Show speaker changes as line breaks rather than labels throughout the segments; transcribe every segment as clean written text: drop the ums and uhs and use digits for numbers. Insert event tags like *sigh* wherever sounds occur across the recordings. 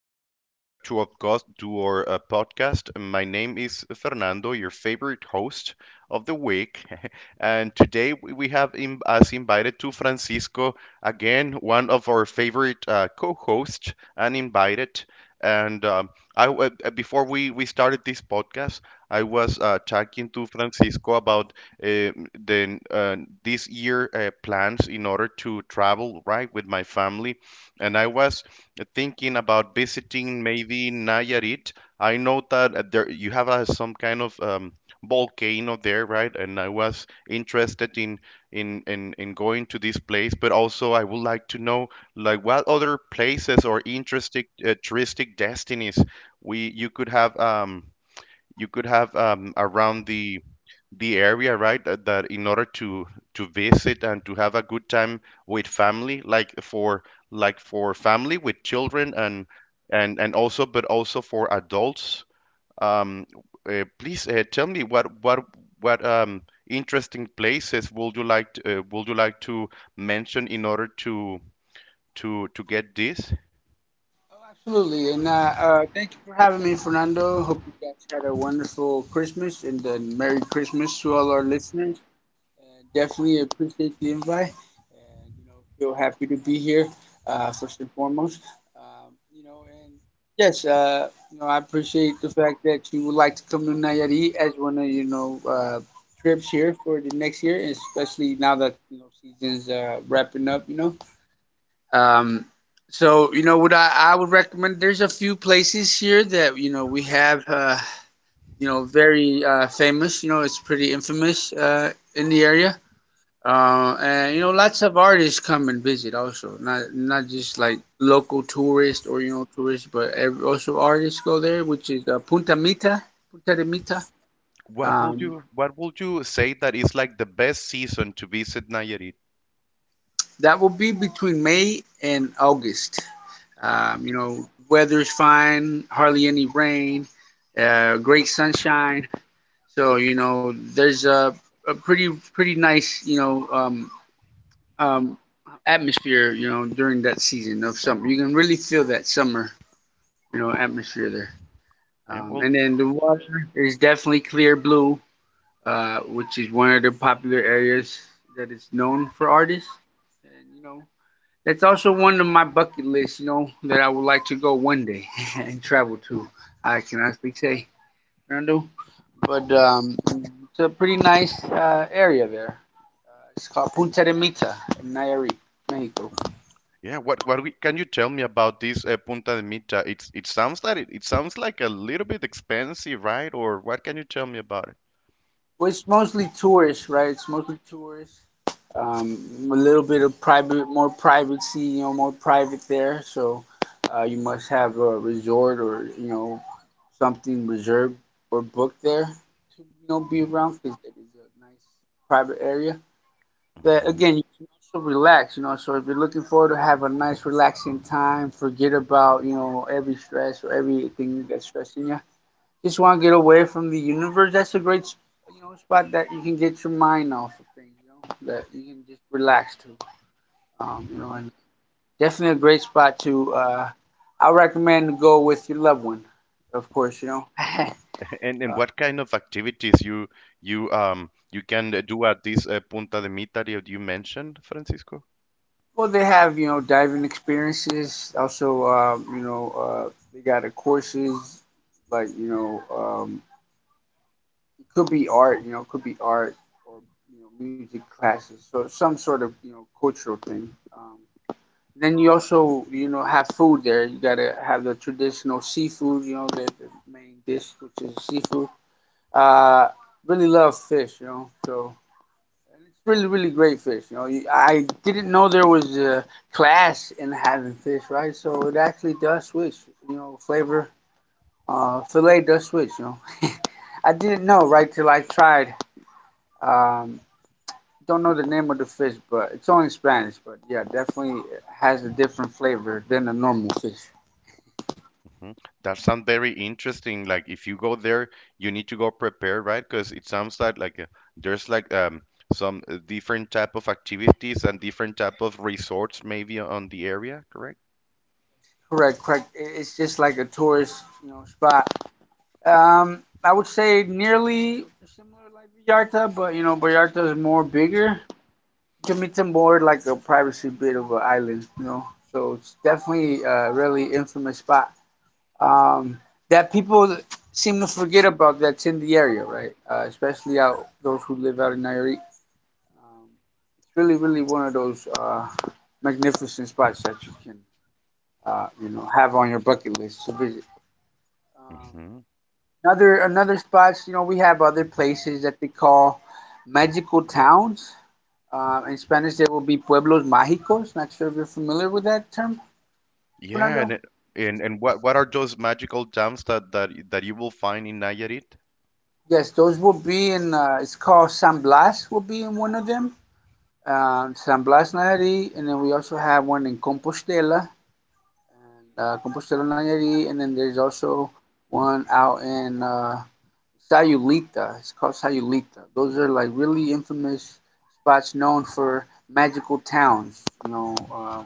to, our cos- to our podcast. My name is Fernando, your favorite host of the week. *laughs* And today we have us invited to Francisco, again, one of our favorite co hosts and invited. And um, Before we started this podcast, I was talking to Francisco about uh, the, uh, this year plans in order to travel, right, with my family, and I was thinking about visiting maybe Nayarit. I know that there you have some kind of volcano there, right? And I was interested in going to this place, but also I would like to know like what other places or interesting touristic destinies we you could have. You could have around the area, right? That, in order to visit and to have a good time with family, like for family with children and also, but also for adults. Um, Please tell me what interesting places would you like to, would you like to mention in order to get this?
Oh, absolutely, and thank you for having me, Fernando. Hope you guys had a wonderful Christmas and a Merry Christmas to all our listeners. Definitely appreciate the invite, and feel happy to be here. First and foremost, um, you know, and yes, I appreciate the fact that you would like to come to Nayarit as one of trips here for the next year, and especially now that season's wrapping up. Um, so you know what I would recommend. There's a few places here that we have very famous. It's pretty infamous in the area, and lots of artists come and visit also. Not just like local tourists or tourists, but ev also artists go there, which is Punta Mita, Punta de Mita.
What would
Um,
you say that is like the best season to visit Nayarit?
that will be between May and August. Weather's fine, hardly any rain, great sunshine. So there's a pretty nice um, atmosphere during that season of summer. You can really feel that summer atmosphere there.
Eh,
Um,
well,
and then the water is definitely clear blue, which is one of the popular areas that is known for artists. And that's also one of my bucket lists, that I would like to go one day *laughs* and travel to. I can honestly say, Fernando. But it's a pretty nice area there. It's called Punta de Mita in Nayarit, Mexico.
Yeah, can you tell me about this Punta de Mita? It sounds like it sounds like a little bit expensive, right? Or what can you tell me about it?
Well, it's mostly tourists, right? It's mostly tourists. A little bit of private, more privacy, more private there. So you must have a resort or, something reserved or booked there to be around, because it is a nice private area that
Mhm.
again you can also relax. So if you're looking forward to have a nice relaxing time, forget about every stress or everything that's stressing you. Just want to get away from the universe. That's a great spot that you can get your mind off of things, that you can just relax to.
Mhm.
And definitely a great spot to I recommend to go with your loved one, of course, *laughs* uh,
And what kind of activities you can do at this Punta de Mita that you mentioned, Francisco?
Well, they have diving experiences. Also, they got a courses like it could be art. It could be art or music classes. So some sort of cultural thing. Um, then you also have food there. You gotta have the traditional seafood. The main dish which is seafood. Uh, really love fish. And it's really, really great fish. I didn't know there was a class in having fish, right? So it actually does switch. Flavor, fillet does switch. *laughs* I didn't know right till I tried. Um, don't know the name of the fish, but it's only Spanish. But yeah, definitely has a different flavor than the normal fish.
Hmm. That sounds very interesting. Like if you go there, you need to go prepared, right? Because it sounds like like there's like some different type of activities and different type of resorts maybe on the area, correct?
Correct, correct. It's just like a tourist, spot. I would say nearly similar like Vallarta, but Vallarta is more bigger. Jamaica more like a privacy bit of an island, So it's definitely a really infamous spot um, that people seem to forget about. That's in the area, right? Especially out those who live out in Nairi. Um, it's really, really one of those magnificent spots that you can, have on your bucket list to visit. Um,
Hmm.
another spots, we have other places that they call magical towns. In Spanish, there will be pueblos mágicos. Not sure if you're familiar with that term,
Yeah,
Fernando.
and it, and what are those magical gems that you will find in Nayarit?
Yes, those will be in. It's called San Blas. Will be in one of them. San Blas Nayarit, and then we also have one in Compostela, and Compostela Nayarit, and then there's also one out in Sayulita. It's called Sayulita. Those are like really infamous spots known for magical towns. You know, um,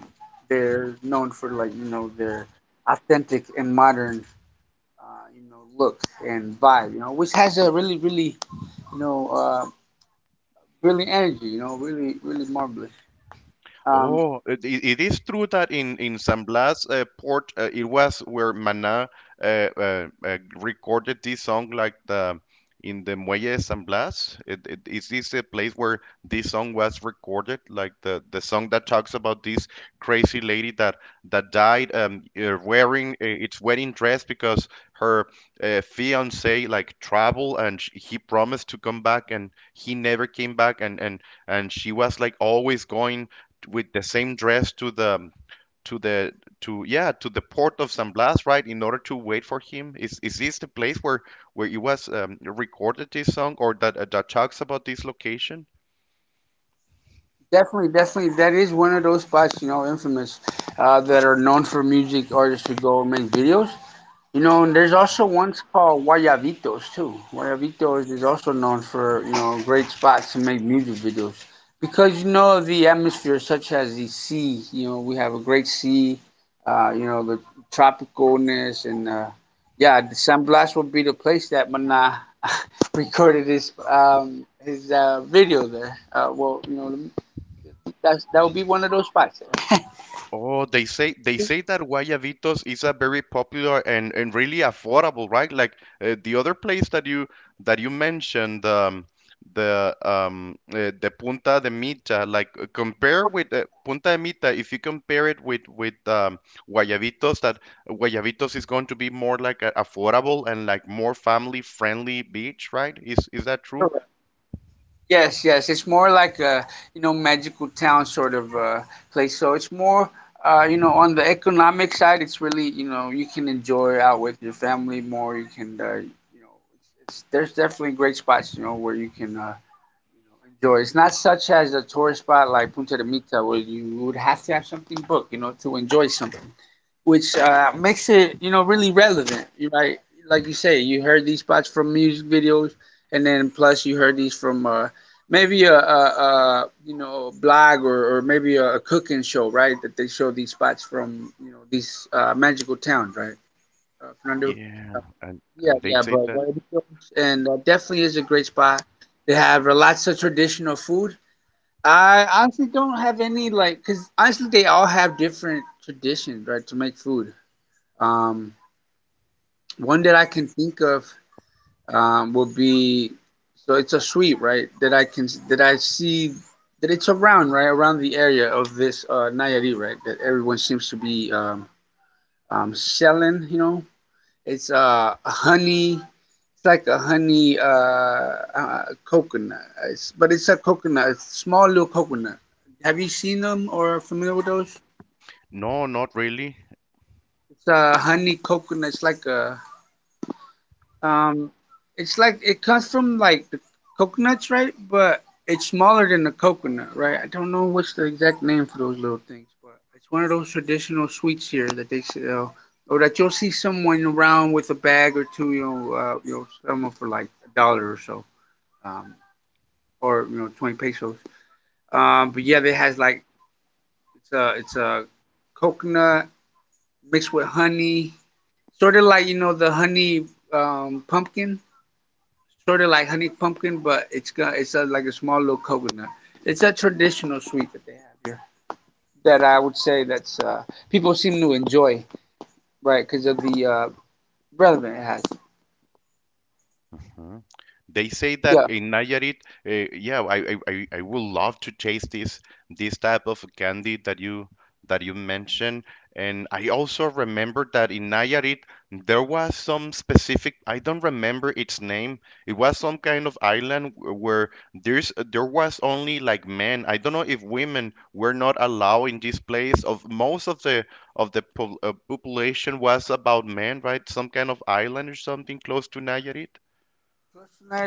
they're known for like their authentic and modern, look and vibe. Which has a really, really, you know, uh, brilliant energy. Really, really marvelous. Um,
Oh, it is true that in San Blas port it was where Maná recorded this song, like the in the Muelle de San Blas. It is this a place where this song was recorded, like the song that talks about this crazy lady that died wearing its wedding dress because her fiance like traveled and sh he promised to come back, and he never came back, and she was like always going with the same dress to the to the to yeah, to the port of San Blas, right, in order to wait for him? Is this the place where it was recorded this song, or that that talks about this location?
definitely, definitely, that is one of those spots. Infamous, that are known for music artists to go and make videos. And there's also ones called Guayabitos too. Guayabitos is also known for, great spots to make music videos. Because of the atmosphere such as the sea, we have a great sea, the tropicalness and yeah, the Sandblast would be the place that Mana *laughs* recorded his video there. Well, that would be one of those spots.
Oh, they say that Guayabitos is a very popular and, really affordable, right? Like the other place that you mentioned, the Punta de Mita. Like compare with Punta de Mita, if you compare it with Guayabitos, that Guayabitos is going to be more like a affordable and like more family friendly beach, right? Is that true?
Yes, yes. It's more like a, magical town sort of place. So it's more, on the economic side. It's really, you can enjoy out with your family more. You can, know, there's definitely great spots, where you can, you enjoy. It's not such as a tourist spot like Punta de Mita where you would have to have something booked, to enjoy something which makes it really relevant. You right, like you say, you heard these spots from music videos, and then plus you heard these from maybe a blog or maybe a cooking show, right? That they show these spots from these magical towns, right, Fernando?
Yeah,
Uh,
and
yeah,
they
yeah,
say
but
that
what and definitely is a great spot. They have lots of traditional food. I honestly don't have any like, cause honestly they all have different traditions, right, to make food. Um, one that I can think of would be, so it's a suite, right? That I see that it's around right around the area of this Nayarit, right? That everyone seems to be selling. It's a honey. It's like a honey coconut, but it's a coconut. It's small little coconut. Have you seen them or are familiar with those?
no, not really.
It's a honey coconut. It's like a Um, it's like it comes from like the coconuts, right? But it's smaller than the coconut, right? I don't know what's the exact name for those little things, but it's one of those traditional sweets here that they sell, or that you'll see someone around with a bag or two, them for like a dollar or so, um, or 20 pesos. But yeah, they has like it's a coconut mixed with honey, sort of like the honey, pumpkin sort of like honey pumpkin, but it's a, like a small little coconut. It's a traditional sweet that they have here. That I would say that's people seem to enjoy, right? Because of the relevant it has.
Mhm. They say that
Yeah.
in Nayarit, uh, yeah, I, I, I I would love to taste this type of candy that you mentioned. And I also remember that in Nayarit there was some specific, I don't remember its name. It was some kind of island where there was only like men. I don't know if women were not allowed in this place. Of most of the po population was about men, right? Some kind of island or something close to Nayarit.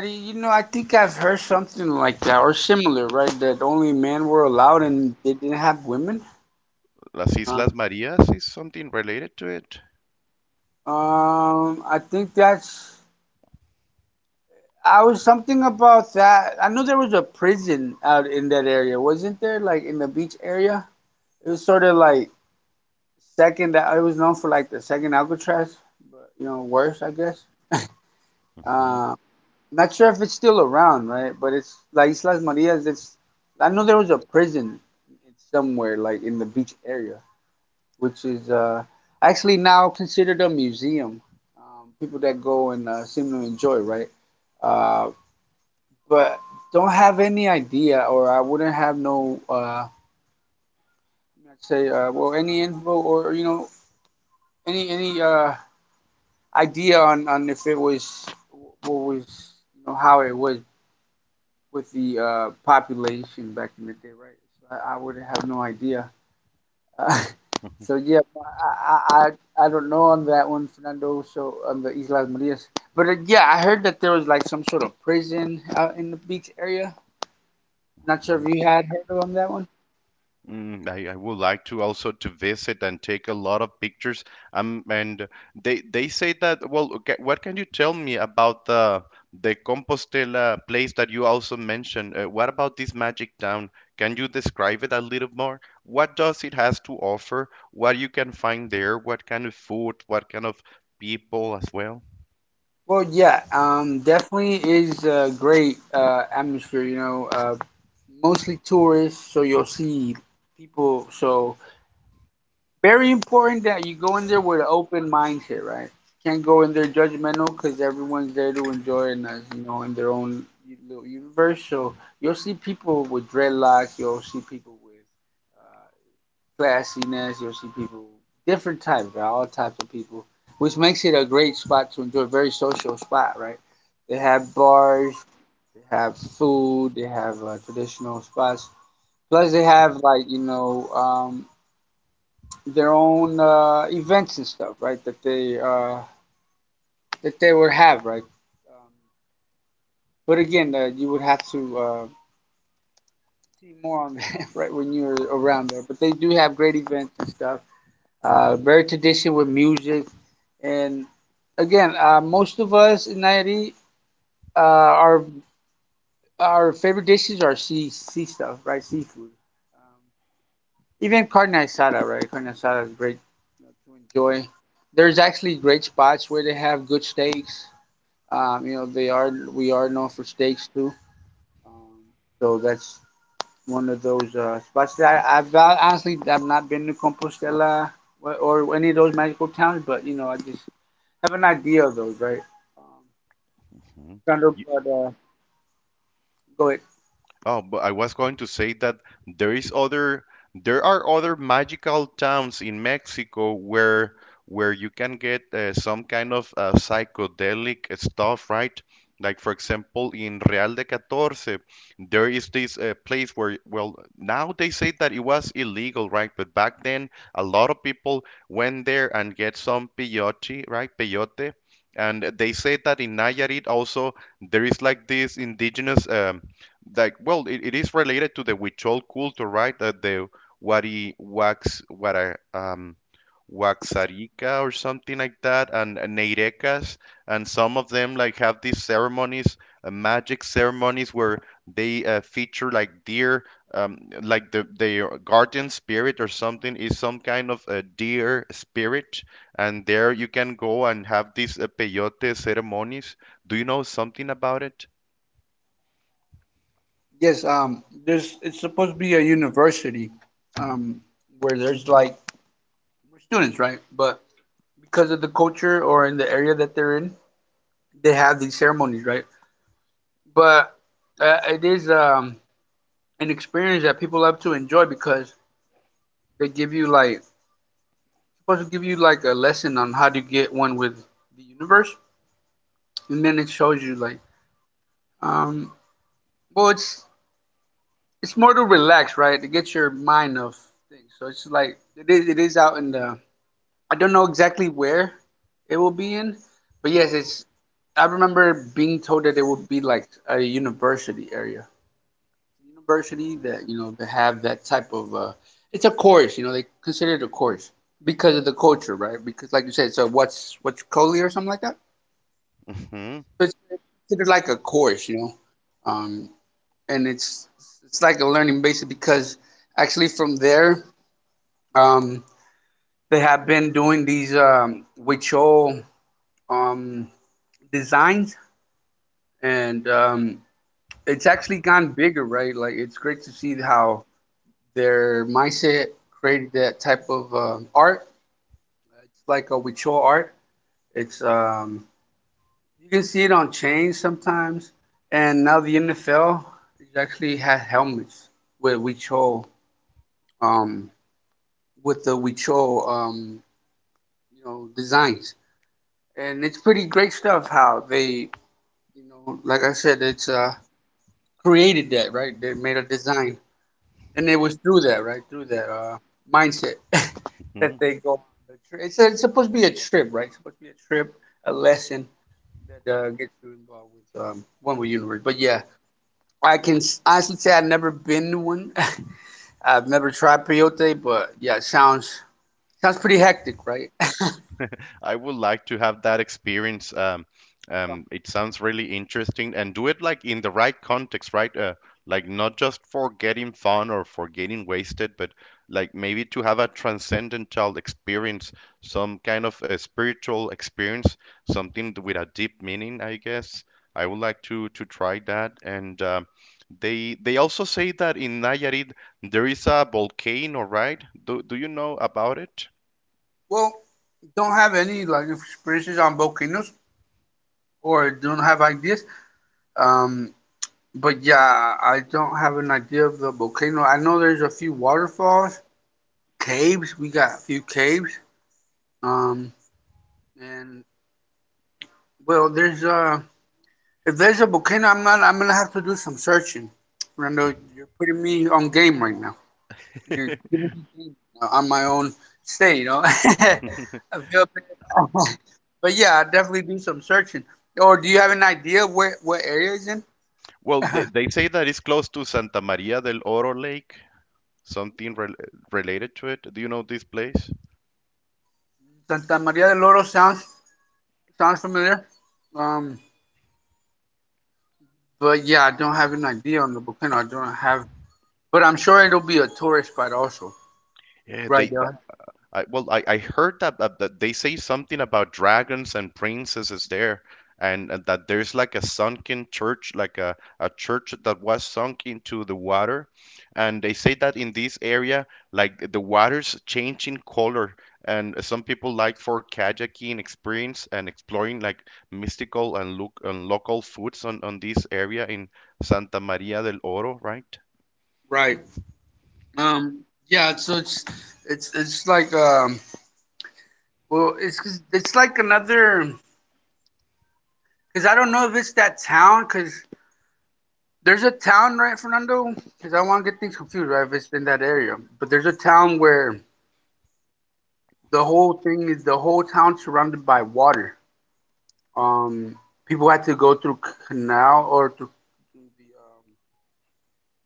I think I've heard something like that or similar, right? That only men were allowed and they didn't have women.
Las Islas
Um,
Marias is something related to it.
I think that's. I was something about that. I know there was a prison out in that area, wasn't there? Like in the beach area, it was sort of like second, that it was known for like the second Alcatraz, but worse, I guess.
Mhm.
Uh, not sure if it's still around, right? But it's La Islas Marias. It's I know there was a prison somewhere like in the beach area, which is actually now considered a museum. People that go and seem to enjoy, right? Uh, but don't have any idea, or I wouldn't have no, let's say, well, any info or any idea on, if it was what was how it was with the population back in the day, right? So I would have no idea. *laughs* Uh,
Mhm.
so yeah, I don't know on that one, Fernando. So on the Islas Marias, but yeah, I heard that there was like some sort of prison out in the beach area. Not sure
Mhm.
if you had heard on that one.
Mm, I would like to also to visit and take a lot of pictures. And they say that. Well, okay, what can you tell me about the Compostela place that you also mentioned? What about this magic town? Can you describe it a little more? What does it has to offer? What you can find there? What kind of food? What kind of people as well?
Well, yeah, definitely is a great atmosphere. Mostly tourists, so you'll see people. So very important that you go in there with an open mindset, right? Can't go in there judgmental because everyone's there to enjoy and you know, in their own little universe. So you'll see people with dreadlocks, you'll see people with classiness, you'll see people different types, right? All types of people, which makes it a great spot to enjoy. Very social spot, right? They have bars, they have food, they have traditional spots. Plus, they have their own events and stuff, right? That they would have, right? But again, you would have to see more on *laughs* that, right, when you're around there. But they do have great events and stuff. Very tradition with music, and again, most of us in Nairi, our favorite dishes are sea stuff, right? Seafood. Even carne asada, right? Carne asada is great, you know, to enjoy. There's actually great spots where they have good steaks. You know, they are we are known for steaks too. Um, so that's one of those spots that I, I've honestly, I've not been to Compostela or any of those magical towns, but you know, I just have an idea of those, right? Um,
Mhm.
Sandro, but go ahead.
Oh, but I was going to say that there is other there are other magical towns in Mexico where you can get some kind of psychedelic stuff, right? Like for example, in Real de Catorce, there is this place where, well, now they say that it was illegal, right? But back then, a lot of people went there and get some peyote, right? Peyote, and they say that in Nayarit also there is like this indigenous like well it is related to the Huichol culture, right? That the Wari Wax Wara Waxarica or something like that, and Neirecas, and some of them like have these ceremonies, magic ceremonies where they feature like deer, like the their guardian spirit or something is some kind of a deer spirit, and there you can go and have these peyote ceremonies. Do you know something about it?
Yes, there's it's supposed to be a university, um, where there's like students, right? But because of the culture or in the area that they're in, they have these ceremonies, right? But it is an experience that people love to enjoy because they give you like, supposed to give you like a lesson on how to get one with the universe, and then it shows you like, um well it's it's more to relax, right, to get your mind off things. So it's like it is out in the, I don't know exactly where it will be in, but yes, it's, I remember being told that it would be like a university area. University that, you know, that have that type of it's a course, you know, they consider it a course because of the culture, right, because like you said, so what's Coley or something like that.
*laughs* Hmm.
So it's considered like a course, you know. um, and it's like a learning basis because actually from there, um, they have been doing these Huichol um, designs. And It's actually gone bigger, right? Like, it's great to see how their mindset created that type of art. It's like a Huichol art. It's You can see it on chains sometimes, and now the NFL is actually has helmets with Huichol, um, with the Huichol, you know, designs, and it's pretty great stuff. How they, you know, like I said, it's, created that, right. They made a design, and it was through that, right, through that mindset *laughs* that they go on the trip. It's supposed to be a trip, right, it's supposed to be a trip, a lesson that gets you involved with, one with universe. But yeah, I can honestly say I've never been to one. *laughs* I've never tried peyote, but yeah, it sounds, sounds pretty hectic, right?
I would like to have that experience.
*laughs*
It sounds really interesting, and do it like in the right context, right? Like not just for getting fun or for getting wasted, but like maybe to have a transcendental experience, some kind of a spiritual experience, something with a deep meaning, I guess. I would like to try that. And they also say that in Nayarit there is a volcano, right? Do you know about it?
Well, don't have any like experiences on volcanoes, or don't have ideas. um but yeah, I don't have an idea of the volcano. I know there's a few waterfalls, caves. We got a few caves. Um, and well, there's if there's a volcano, I'm not. I'm gonna have to do some searching. Rando, you're putting me on game right now. You're
*laughs*
giving me game on my own stay. You know, *laughs* I feel bad. *laughs* But yeah, I'll definitely do some searching. Or do you have an idea where what area is in?
Well, they say that it's close to Santa Maria del Oro Lake, something rel related to it. Do you know this place?
Santa Maria del Oro sounds, sounds familiar. Um, but yeah, I don't have an idea on the volcano. I don't have, but I'm sure it'll be a tourist spot also.
Yeah,
Right,
they
there.
I, I heard that, that they say something about dragons and princesses there, and that there's like a sunken church, like a church that was sunk into the water, and they say that in this area, like the water's changing color, and some people like for kayaking experience and exploring like mystical and look and local foods on this area in Santa Maria del Oro, right?
Right. Um. Yeah. It's like Well, it's 'cause- it's like another, because I don't know if it's that town because there's a town, right, Fernando? Because I want to get things confused, right? If it's in that area, but there's a town where the whole town surrounded by water. Um. People had to go through canal or through, um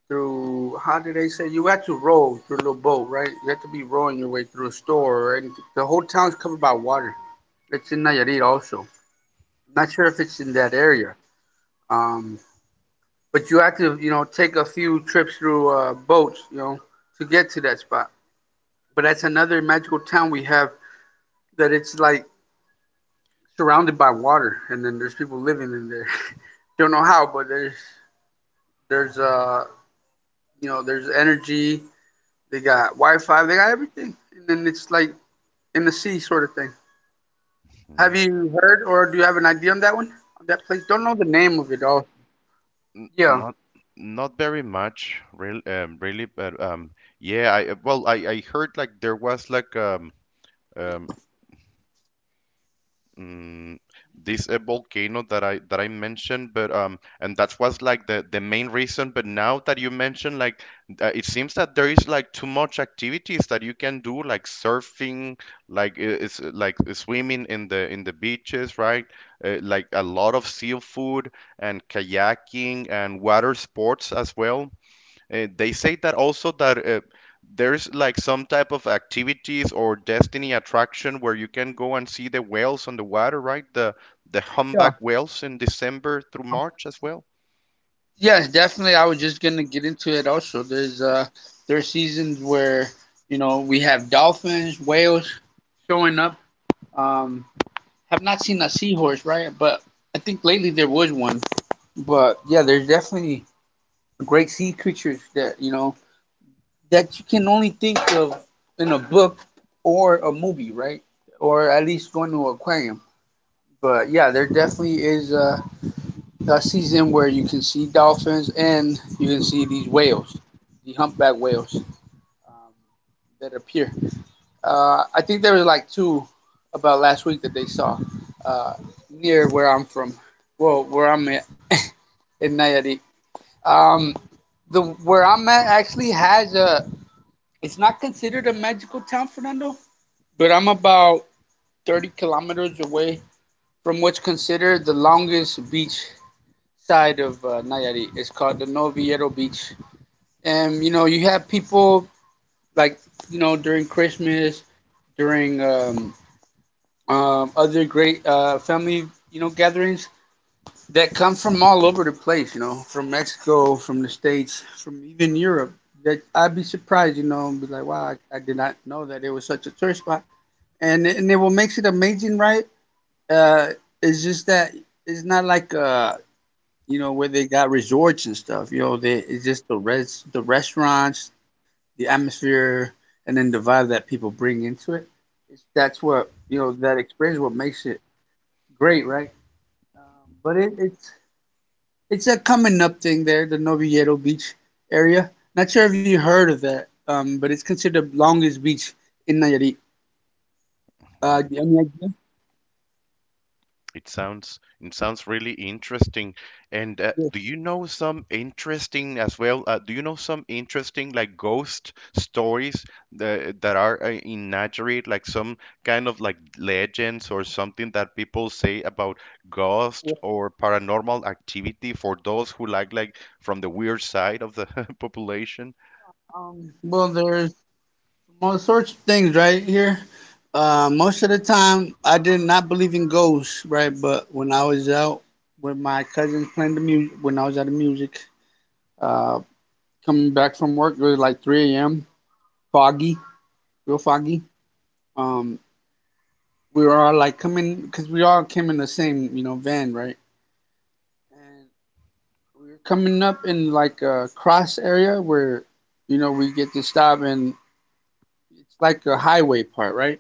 through, how did they say, you had to row through a little boat, right? You had to be rowing your way through a store or anything. The whole town's covered by water. It's in Nayarit also. I'm not sure if it's in that area. Um, but you have to, you know, take a few trips through boats, you know, to get to that spot. But that's another magical town we have, that it's like surrounded by water, and then there's people living in there. *laughs* Don't know how, but there's you know, there's energy. They got Wi-Fi. They got everything, and then it's like in the sea sort of thing. Have you heard or do you have an idea on that one? On that place? Don't know the name of it all.
N-
Yeah.
Not Not very much, really, but yeah, I I heard like there was like um mm, this volcano that I mentioned, but and that was like the main reason. But now that you mentioned, like, it seems that there is like too much activities that you can do, like surfing, like it's like swimming in the beaches, right? Like a lot of seafood and kayaking and water sports as well. They say that also that there's like some type of activities or destiny attraction where you can go and see the whales on the water, right? The
Yeah.
humpback whales in December through March as well.
Yes, definitely. I was just gonna get into it also. There are seasons where, you know, we have dolphins, whales showing up. Um have not seen a seahorse, right? But I think lately there was one. But yeah, there's definitely great sea creatures that, you know, that you can only think of in a book or a movie, right? Or at least going to an aquarium. But yeah, there definitely is a season where you can see dolphins and you can see these whales, the humpback whales, um, that appear. I think there was like two about last week that they saw uh, near where I'm from. Well, where I'm at. *laughs* In Nayarit. Um, the where I'm at actually has a. It's not considered a magical town, Fernando, but I'm about 30 kilometers away from what's considered the longest beach side of Nayarit. It's called the Noviero Beach. And you know, you have people like, you know, during Christmas, during other great family, you know, gatherings that come from all over the place. You know, from Mexico, from the states, from even Europe. That I'd be surprised, you know, and be like, wow, I did not know that it was such a tourist spot. And it what makes it amazing, right? Uh, it's just that it's not like, you know, where they got resorts and stuff. You know, they, it's just the restaurants, the atmosphere, and then the vibe that people bring into it. That's what, you know. That experience what makes it great, right? Um, but it, it's it's a coming up thing there, the Noviedo Beach area. Not sure if you heard of that, but it's considered the longest beach in Nayarit. Do you- any idea?
It sounds really interesting. And
Yeah,
do you know some interesting as well? Do you know some interesting like ghost stories that, are in Nayarit, like some kind of like legends or something that people say about ghost
yeah.
or paranormal activity for those who like from the weird side of the *laughs* population?
Well, there's all sorts of things right here. Most of the time, I did not believe in ghosts, right? But when I was out, when my cousins playing the music, when I was out of music, Uh, coming back from work, it was like 3 a.m. Foggy, real foggy. Um, we were all like coming because we all came in the same, you know, van, right? And we were coming up in like a cross area where, you know, we get to stop, and it's like a highway part, right?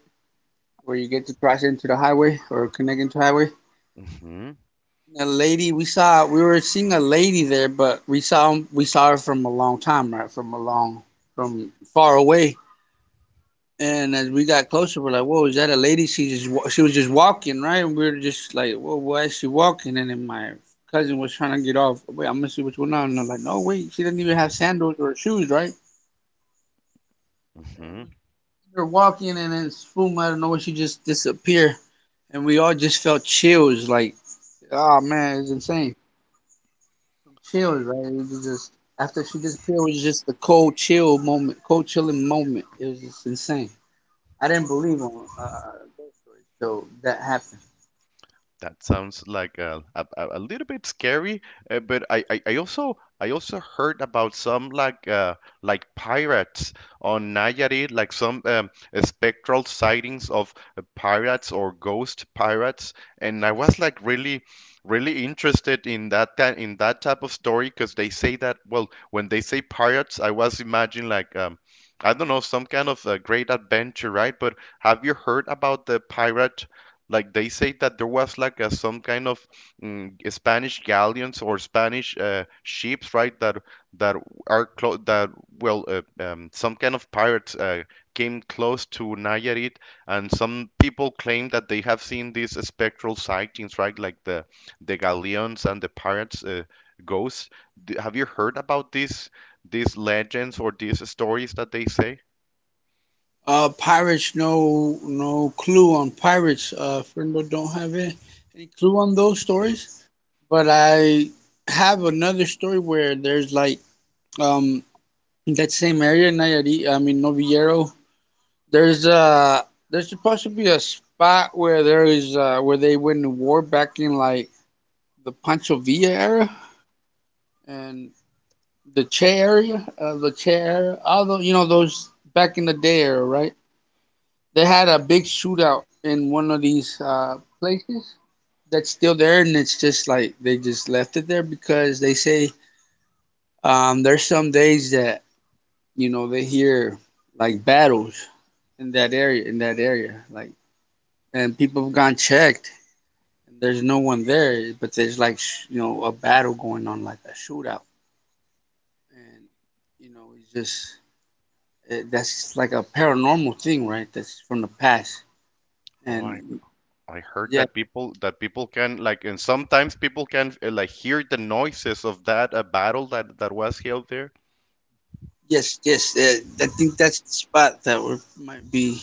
Where you get to cross into the highway or connect into the highway.
Hmm.
And a lady we saw, we were seeing a lady there, but we saw, her from a long time, right? From a long, from far away. And as we got closer, we're like, "Whoa, is that a lady? She was just walking, right?" And we were just like, "Whoa, why is she walking?" And then my cousin was trying to get off. Wait, I'm gonna see what's going on. And I'm like, "No, wait, she doesn't even have sandals or shoes, right?" And
Hmm.
we were walking, and then boom, I don't know, she just disappeared, and we all just felt chills, like, "Oh man, it's insane." Chills, right? It was just, after she disappeared, it was just a cold chill moment, cold chilling moment. It was just insane. I didn't believe on uh, ghost stories, so that happened.
That sounds like a little bit scary, but I also heard about some like pirates on Nayarit, like some spectral sightings of pirates or ghost pirates, and I was like really interested in that in that type of story, because they say that, well, when they say pirates, I was imagining like I don't know some kind of great adventure, right? But have you heard about the pirate? Like they say that there was like some kind of Spanish galleons or Spanish ships, right? That are close, that well, some kind of pirates came close to Nayarit, and some people claim that they have seen these spectral sightings, right? Like the galleons and the pirates, ghosts. D Have you heard about these legends or these stories that they say?
Pirates, no clue on pirates. Friendo, don't have any clue on those stories. But I have another story where there's like um in that same area, Nayarit. I mean Novillero. There's uh there's supposed to be a spot where there is where they went to war back in like the Pancho Villa era, and the Che area, the Che area. All you know, those back in the day era, right? They had a big shootout in one of these places that's still there, and it's just like they just left it there because they say there's some days that you know they hear like battles in that area, like and people have gone checked, and there's no one there, but there's like you know a battle going on, like a shootout, and you know it's just that's like a paranormal thing, right? That's from the past, and
I heard
yeah.
that people can like and sometimes people can like hear the noises of that battle that was held there.
Yes, yes. I think that's the spot that we might be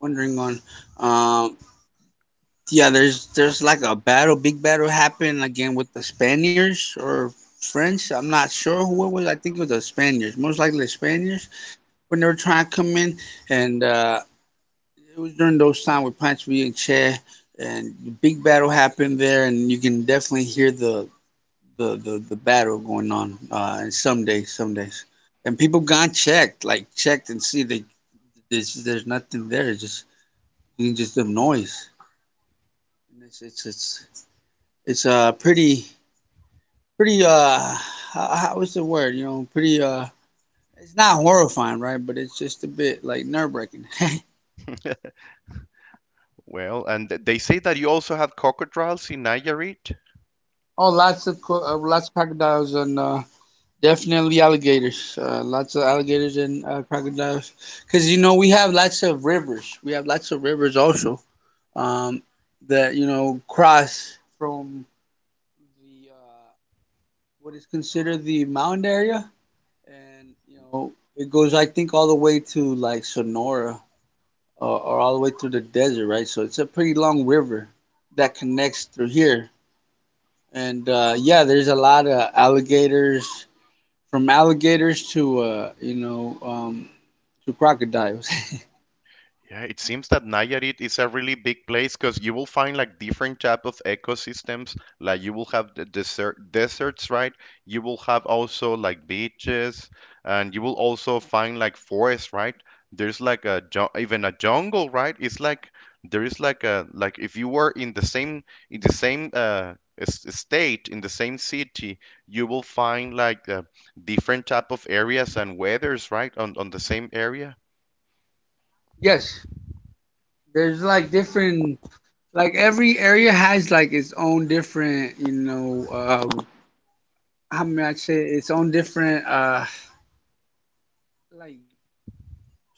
wondering on. Um, yeah, there's like a battle, big battle happened again with the Spaniards or French. I'm not sure who it was. I think it was the Spaniards, most likely the Spaniards, when they were trying to come in. And it was during those time with Pancho Villa and Che, and the big battle happened there. And you can definitely hear the battle going on and some days and people gone checked, and see they there's nothing there, it's just you can just the noise, and it's pretty, pretty uh what's the word? You know, pretty it's not horrifying, right, but it's just a bit like nerve-wracking. *laughs*
*laughs* Well, and they say that you also have crocodiles in Nayarit.
Oh lots of lots of crocodiles and definitely alligators, lots of alligators and crocodiles, because you know we have lots of rivers, we have lots of rivers also, um, that you know cross from the what is considered the mound area, and you know it goes I think all the way to like Sonora, or all the way through the desert, right? So it's a pretty long river that connects through here, and yeah, there's a lot of alligators, from alligators to you know, to crocodiles. *laughs*
Yeah, it seems that Nayarit is a really big place because you will find like different type of ecosystems. Like you will have the desert deserts, right? You will have also like beaches, and you will also find like forests, right? There's like a ju even a jungle, right? It's like there is like a like if you were in the same in the same uh state in the same city, you will find like different type of areas and weathers, right? On the same area.
Yes, there's like different, like every area has like its own different, you know, um how may I say it? Its own different like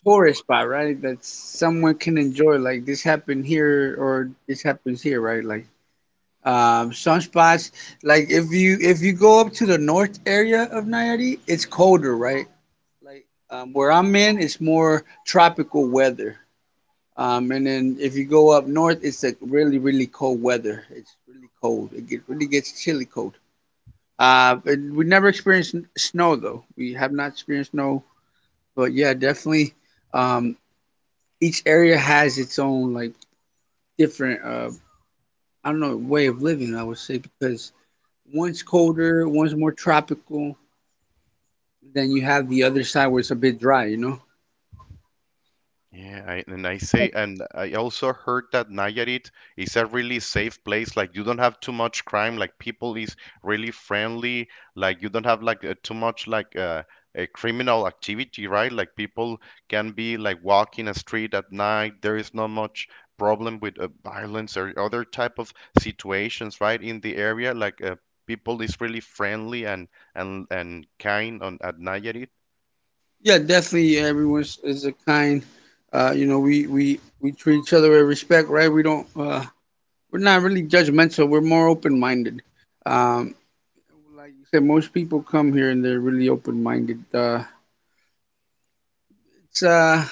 tourist spot, right, that someone can enjoy, like this happened here or this happens here, right? Like some spots, like if you go up to the north area of Nayarit, it's colder, right, like where I'm in it's more tropical weather. And then if you go up north it's like really really cold weather, it's really cold, really gets chilly cold. Uh, we never experienced snow though. We have not experienced snow, but yeah, definitely. Um, each area has its own like different, I don't know, way of living, I would say, because one's colder, one's more tropical. Then you have the other side where it's a bit dry, you know.
Yeah, I, and I say, and I also heard that Nayarit is a really safe place. Like you don't have too much crime. Like people is really friendly. Like you don't have like too much like a criminal activity, right? Like people can be like walking a street at night. There is not much problem with violence or other type of situations, right? In the area, like people is really friendly and kind on at Nayarit.
Yeah, definitely. Everyone's is a kind. You know, we treat each other with respect, right? We don't. We're not really judgmental. We're more open minded. Um, like you said, most people come here and they're really open minded. It's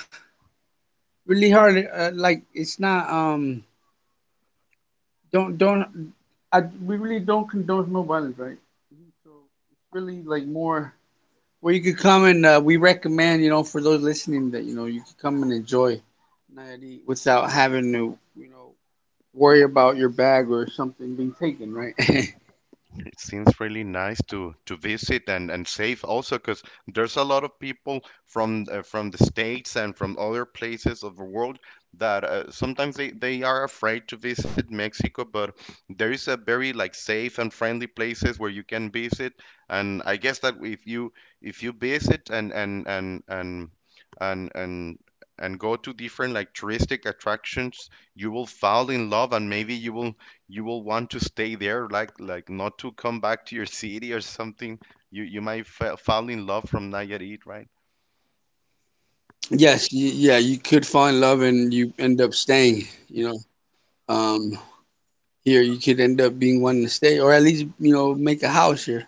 really hard. Like it's not don't, I we really don't condone no violence, right? So it's really like more where you could come and we recommend, you know, for those listening, that you know you could come and enjoy Nayarit without having to you know worry about your bag or something being taken, right? *laughs*
It seems really nice to visit and safe also because there's a lot of people from the states and from other places of the world that sometimes they are afraid to visit Mexico, but there is a very like safe and friendly places where you can visit, and I guess that if you visit and and and go to different like touristic attractions you will fall in love and maybe you will want to stay there, like not to come back to your city or something. You might fall in love from Nayarit, right?
Yes, yeah, you could fall in love and you end up staying, you know. Um, Here you could end up being one to stay, or at least you know make a house here.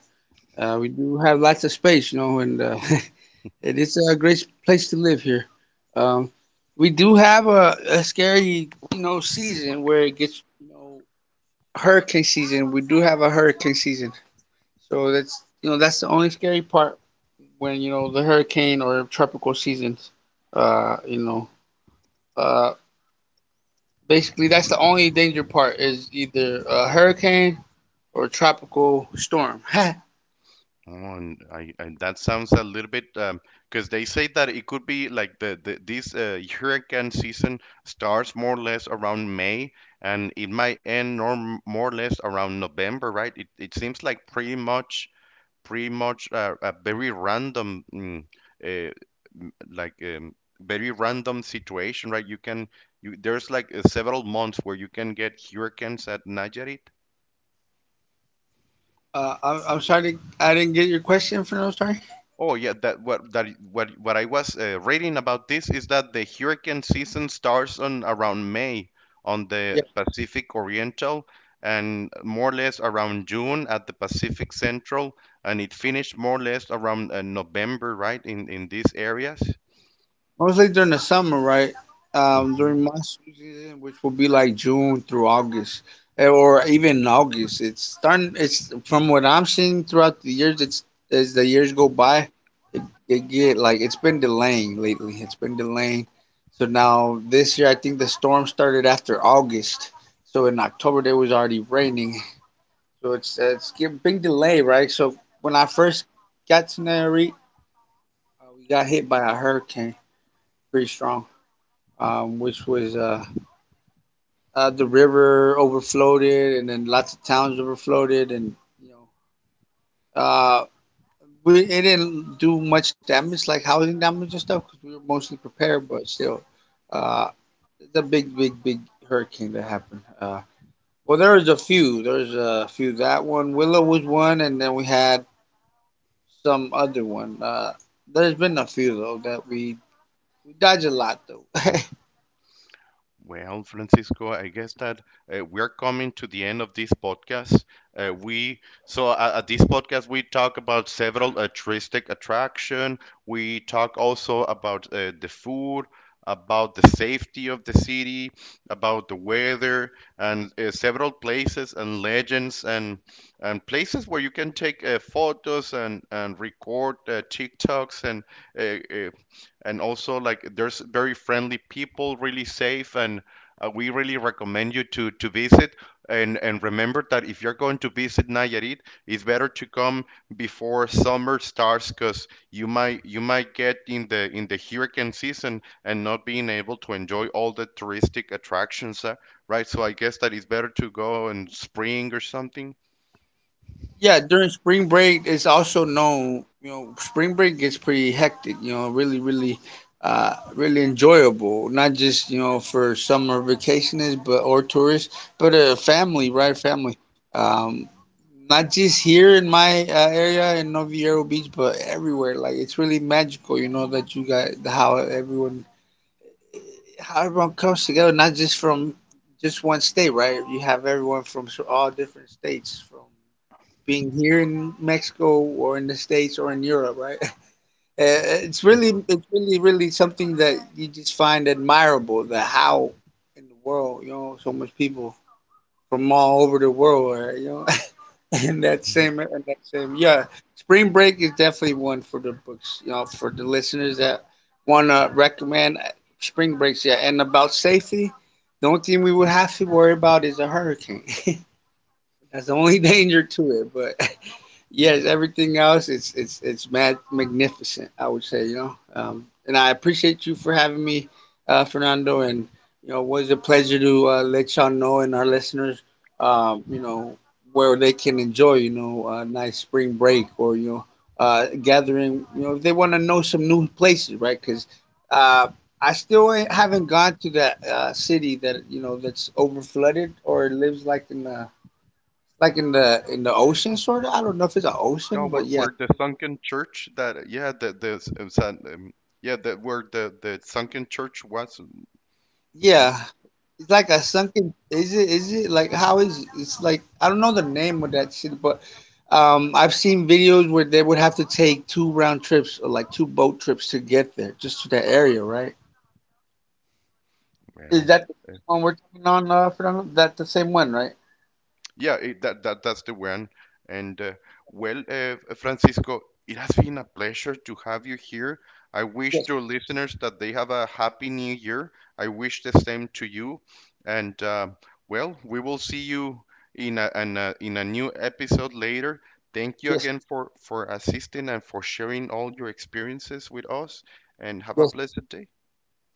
We do have lots of space, you know, and *laughs* it is a great place to live here. um, we do have a scary, you know, season where it gets, you know, hurricane season, we do have a hurricane season, so that's you know that's the only scary part, when you know the hurricane or tropical seasons, uh you know uh basically that's the only danger part is either a hurricane or tropical storm. *laughs*
Oh, and I, and that sounds a little bit 'cause because they say that it could be like the this hurricane season starts more or less around May and it might end more or less around November, right? It seems like pretty much a very random, uh, like very random situation, right? You there's like several months where you can get hurricanes at Nayarit.
I'm sorry, I didn't get your question, for no sorry.
Oh yeah, that what I was reading about this is that the hurricane season starts on around May on
Yeah,
the Pacific Oriental and more or less around June at the Pacific Central, and it finished more or less around November, right? In these areas.
mostly during the summer, right?
Mhm.
During monsoon season, which will be like June through August, eh, or even August. It's starting. It's from what I'm seeing throughout the years. It's as the years go by, it, it get like it's been delaying lately. It's been delaying. So now this year, I think the storm started after August. So in October, there was already raining. So it's get big delay, right? So when I first got to Nayarit, we got hit by a hurricane, pretty strong, which was the river overfloated, and then lots of towns overfloated, and you know, uh, we it didn't do much damage, like housing damage and stuff, because we were mostly prepared, but still, uh, it's a big hurricane that happened. Well, there was a few. That one, Willow was one, and then we had some other one. There's been a few though that we dodge a lot though.
Well, Francisco, I guess that we're coming to the end of this podcast. We so at this podcast we talk about several touristic attraction. We talk also about the food, about the safety of the city, about the weather, and several places and legends and places where you can take photos and record TikToks uh, uh, and also like there's very friendly people really safe and we really recommend you to visit and remember that if you're going to visit Nayarit it's better to come before summer starts cuz you might get in the hurricane season and not being able to enjoy all the touristic attractions right so I guess that it's better to go in spring or something.
*laughs* Yeah, during spring break, it's also known. You know, spring break gets pretty hectic. You know, really enjoyable. Not just you know for summer vacationists, but or tourists, but family, right? Family. Um, Not just here in my area in Noviero Beach, but everywhere. Like it's really magical, you know, that you got how everyone comes together, not just from just one state, right? You have everyone from all different states, from being here in Mexico or in the States or in Europe, right? *laughs* Uh, it's really something that you just find admirable. That how in the world, you know, so much people from all over the world, are, you know, *laughs* *laughs*
*laughs*
and that same, yeah. Spring Break is definitely one for the books, you know, for the listeners that want to recommend Spring Breaks. Yeah, and about safety, the only thing we would have to worry about is a hurricane. *laughs* That's the only *laughs* danger to it. But. Yes, everything else it's mad magnificent, I would say, you know. And I appreciate you for having me, Fernando. And you know, it was a pleasure to let y'all know and our listeners, you know, where they can enjoy, you know, a nice spring break or you know, gathering. You know, if they want to know some new places, right? Because uh, I still haven't gone to that city that you know that's over flooded or lives like in a like in the ocean, sort of. I don't know if it's an
No,
ocean, but yeah,
where the sunken church that yeah the it was that yeah that where the sunken church was. Hmm.
yeah. It's like a sunken. Is it? Is it like how is? It's like I don't know the name of that shit, but I've seen videos where they would have to take two round trips or like two boat trips to get there, just to that area, right? Is
Well.
that the one we're talking on, Fernando? That the same one, right?
Yeah, it, that, that that's the one. And well, Francisco, it has been a pleasure to have you here. I wish
Yes,
your listeners that they have a happy new year. I wish the same to you. And well, we will see you in a new episode later. Thank you
yes,
again for assisting and for sharing all your experiences with us. And have a
yes.
blessed day.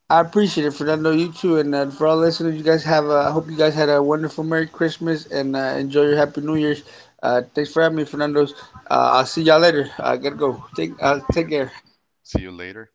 I appreciate it for that. I know you too, and for all listeners, you guys have. I hope you guys had a wonderful Merry Christmas and enjoy your Happy New Year's. Thanks for having me, Fernando's. I'll see y'all later. I gotta go. Take
See
take
you.
care.
See you later.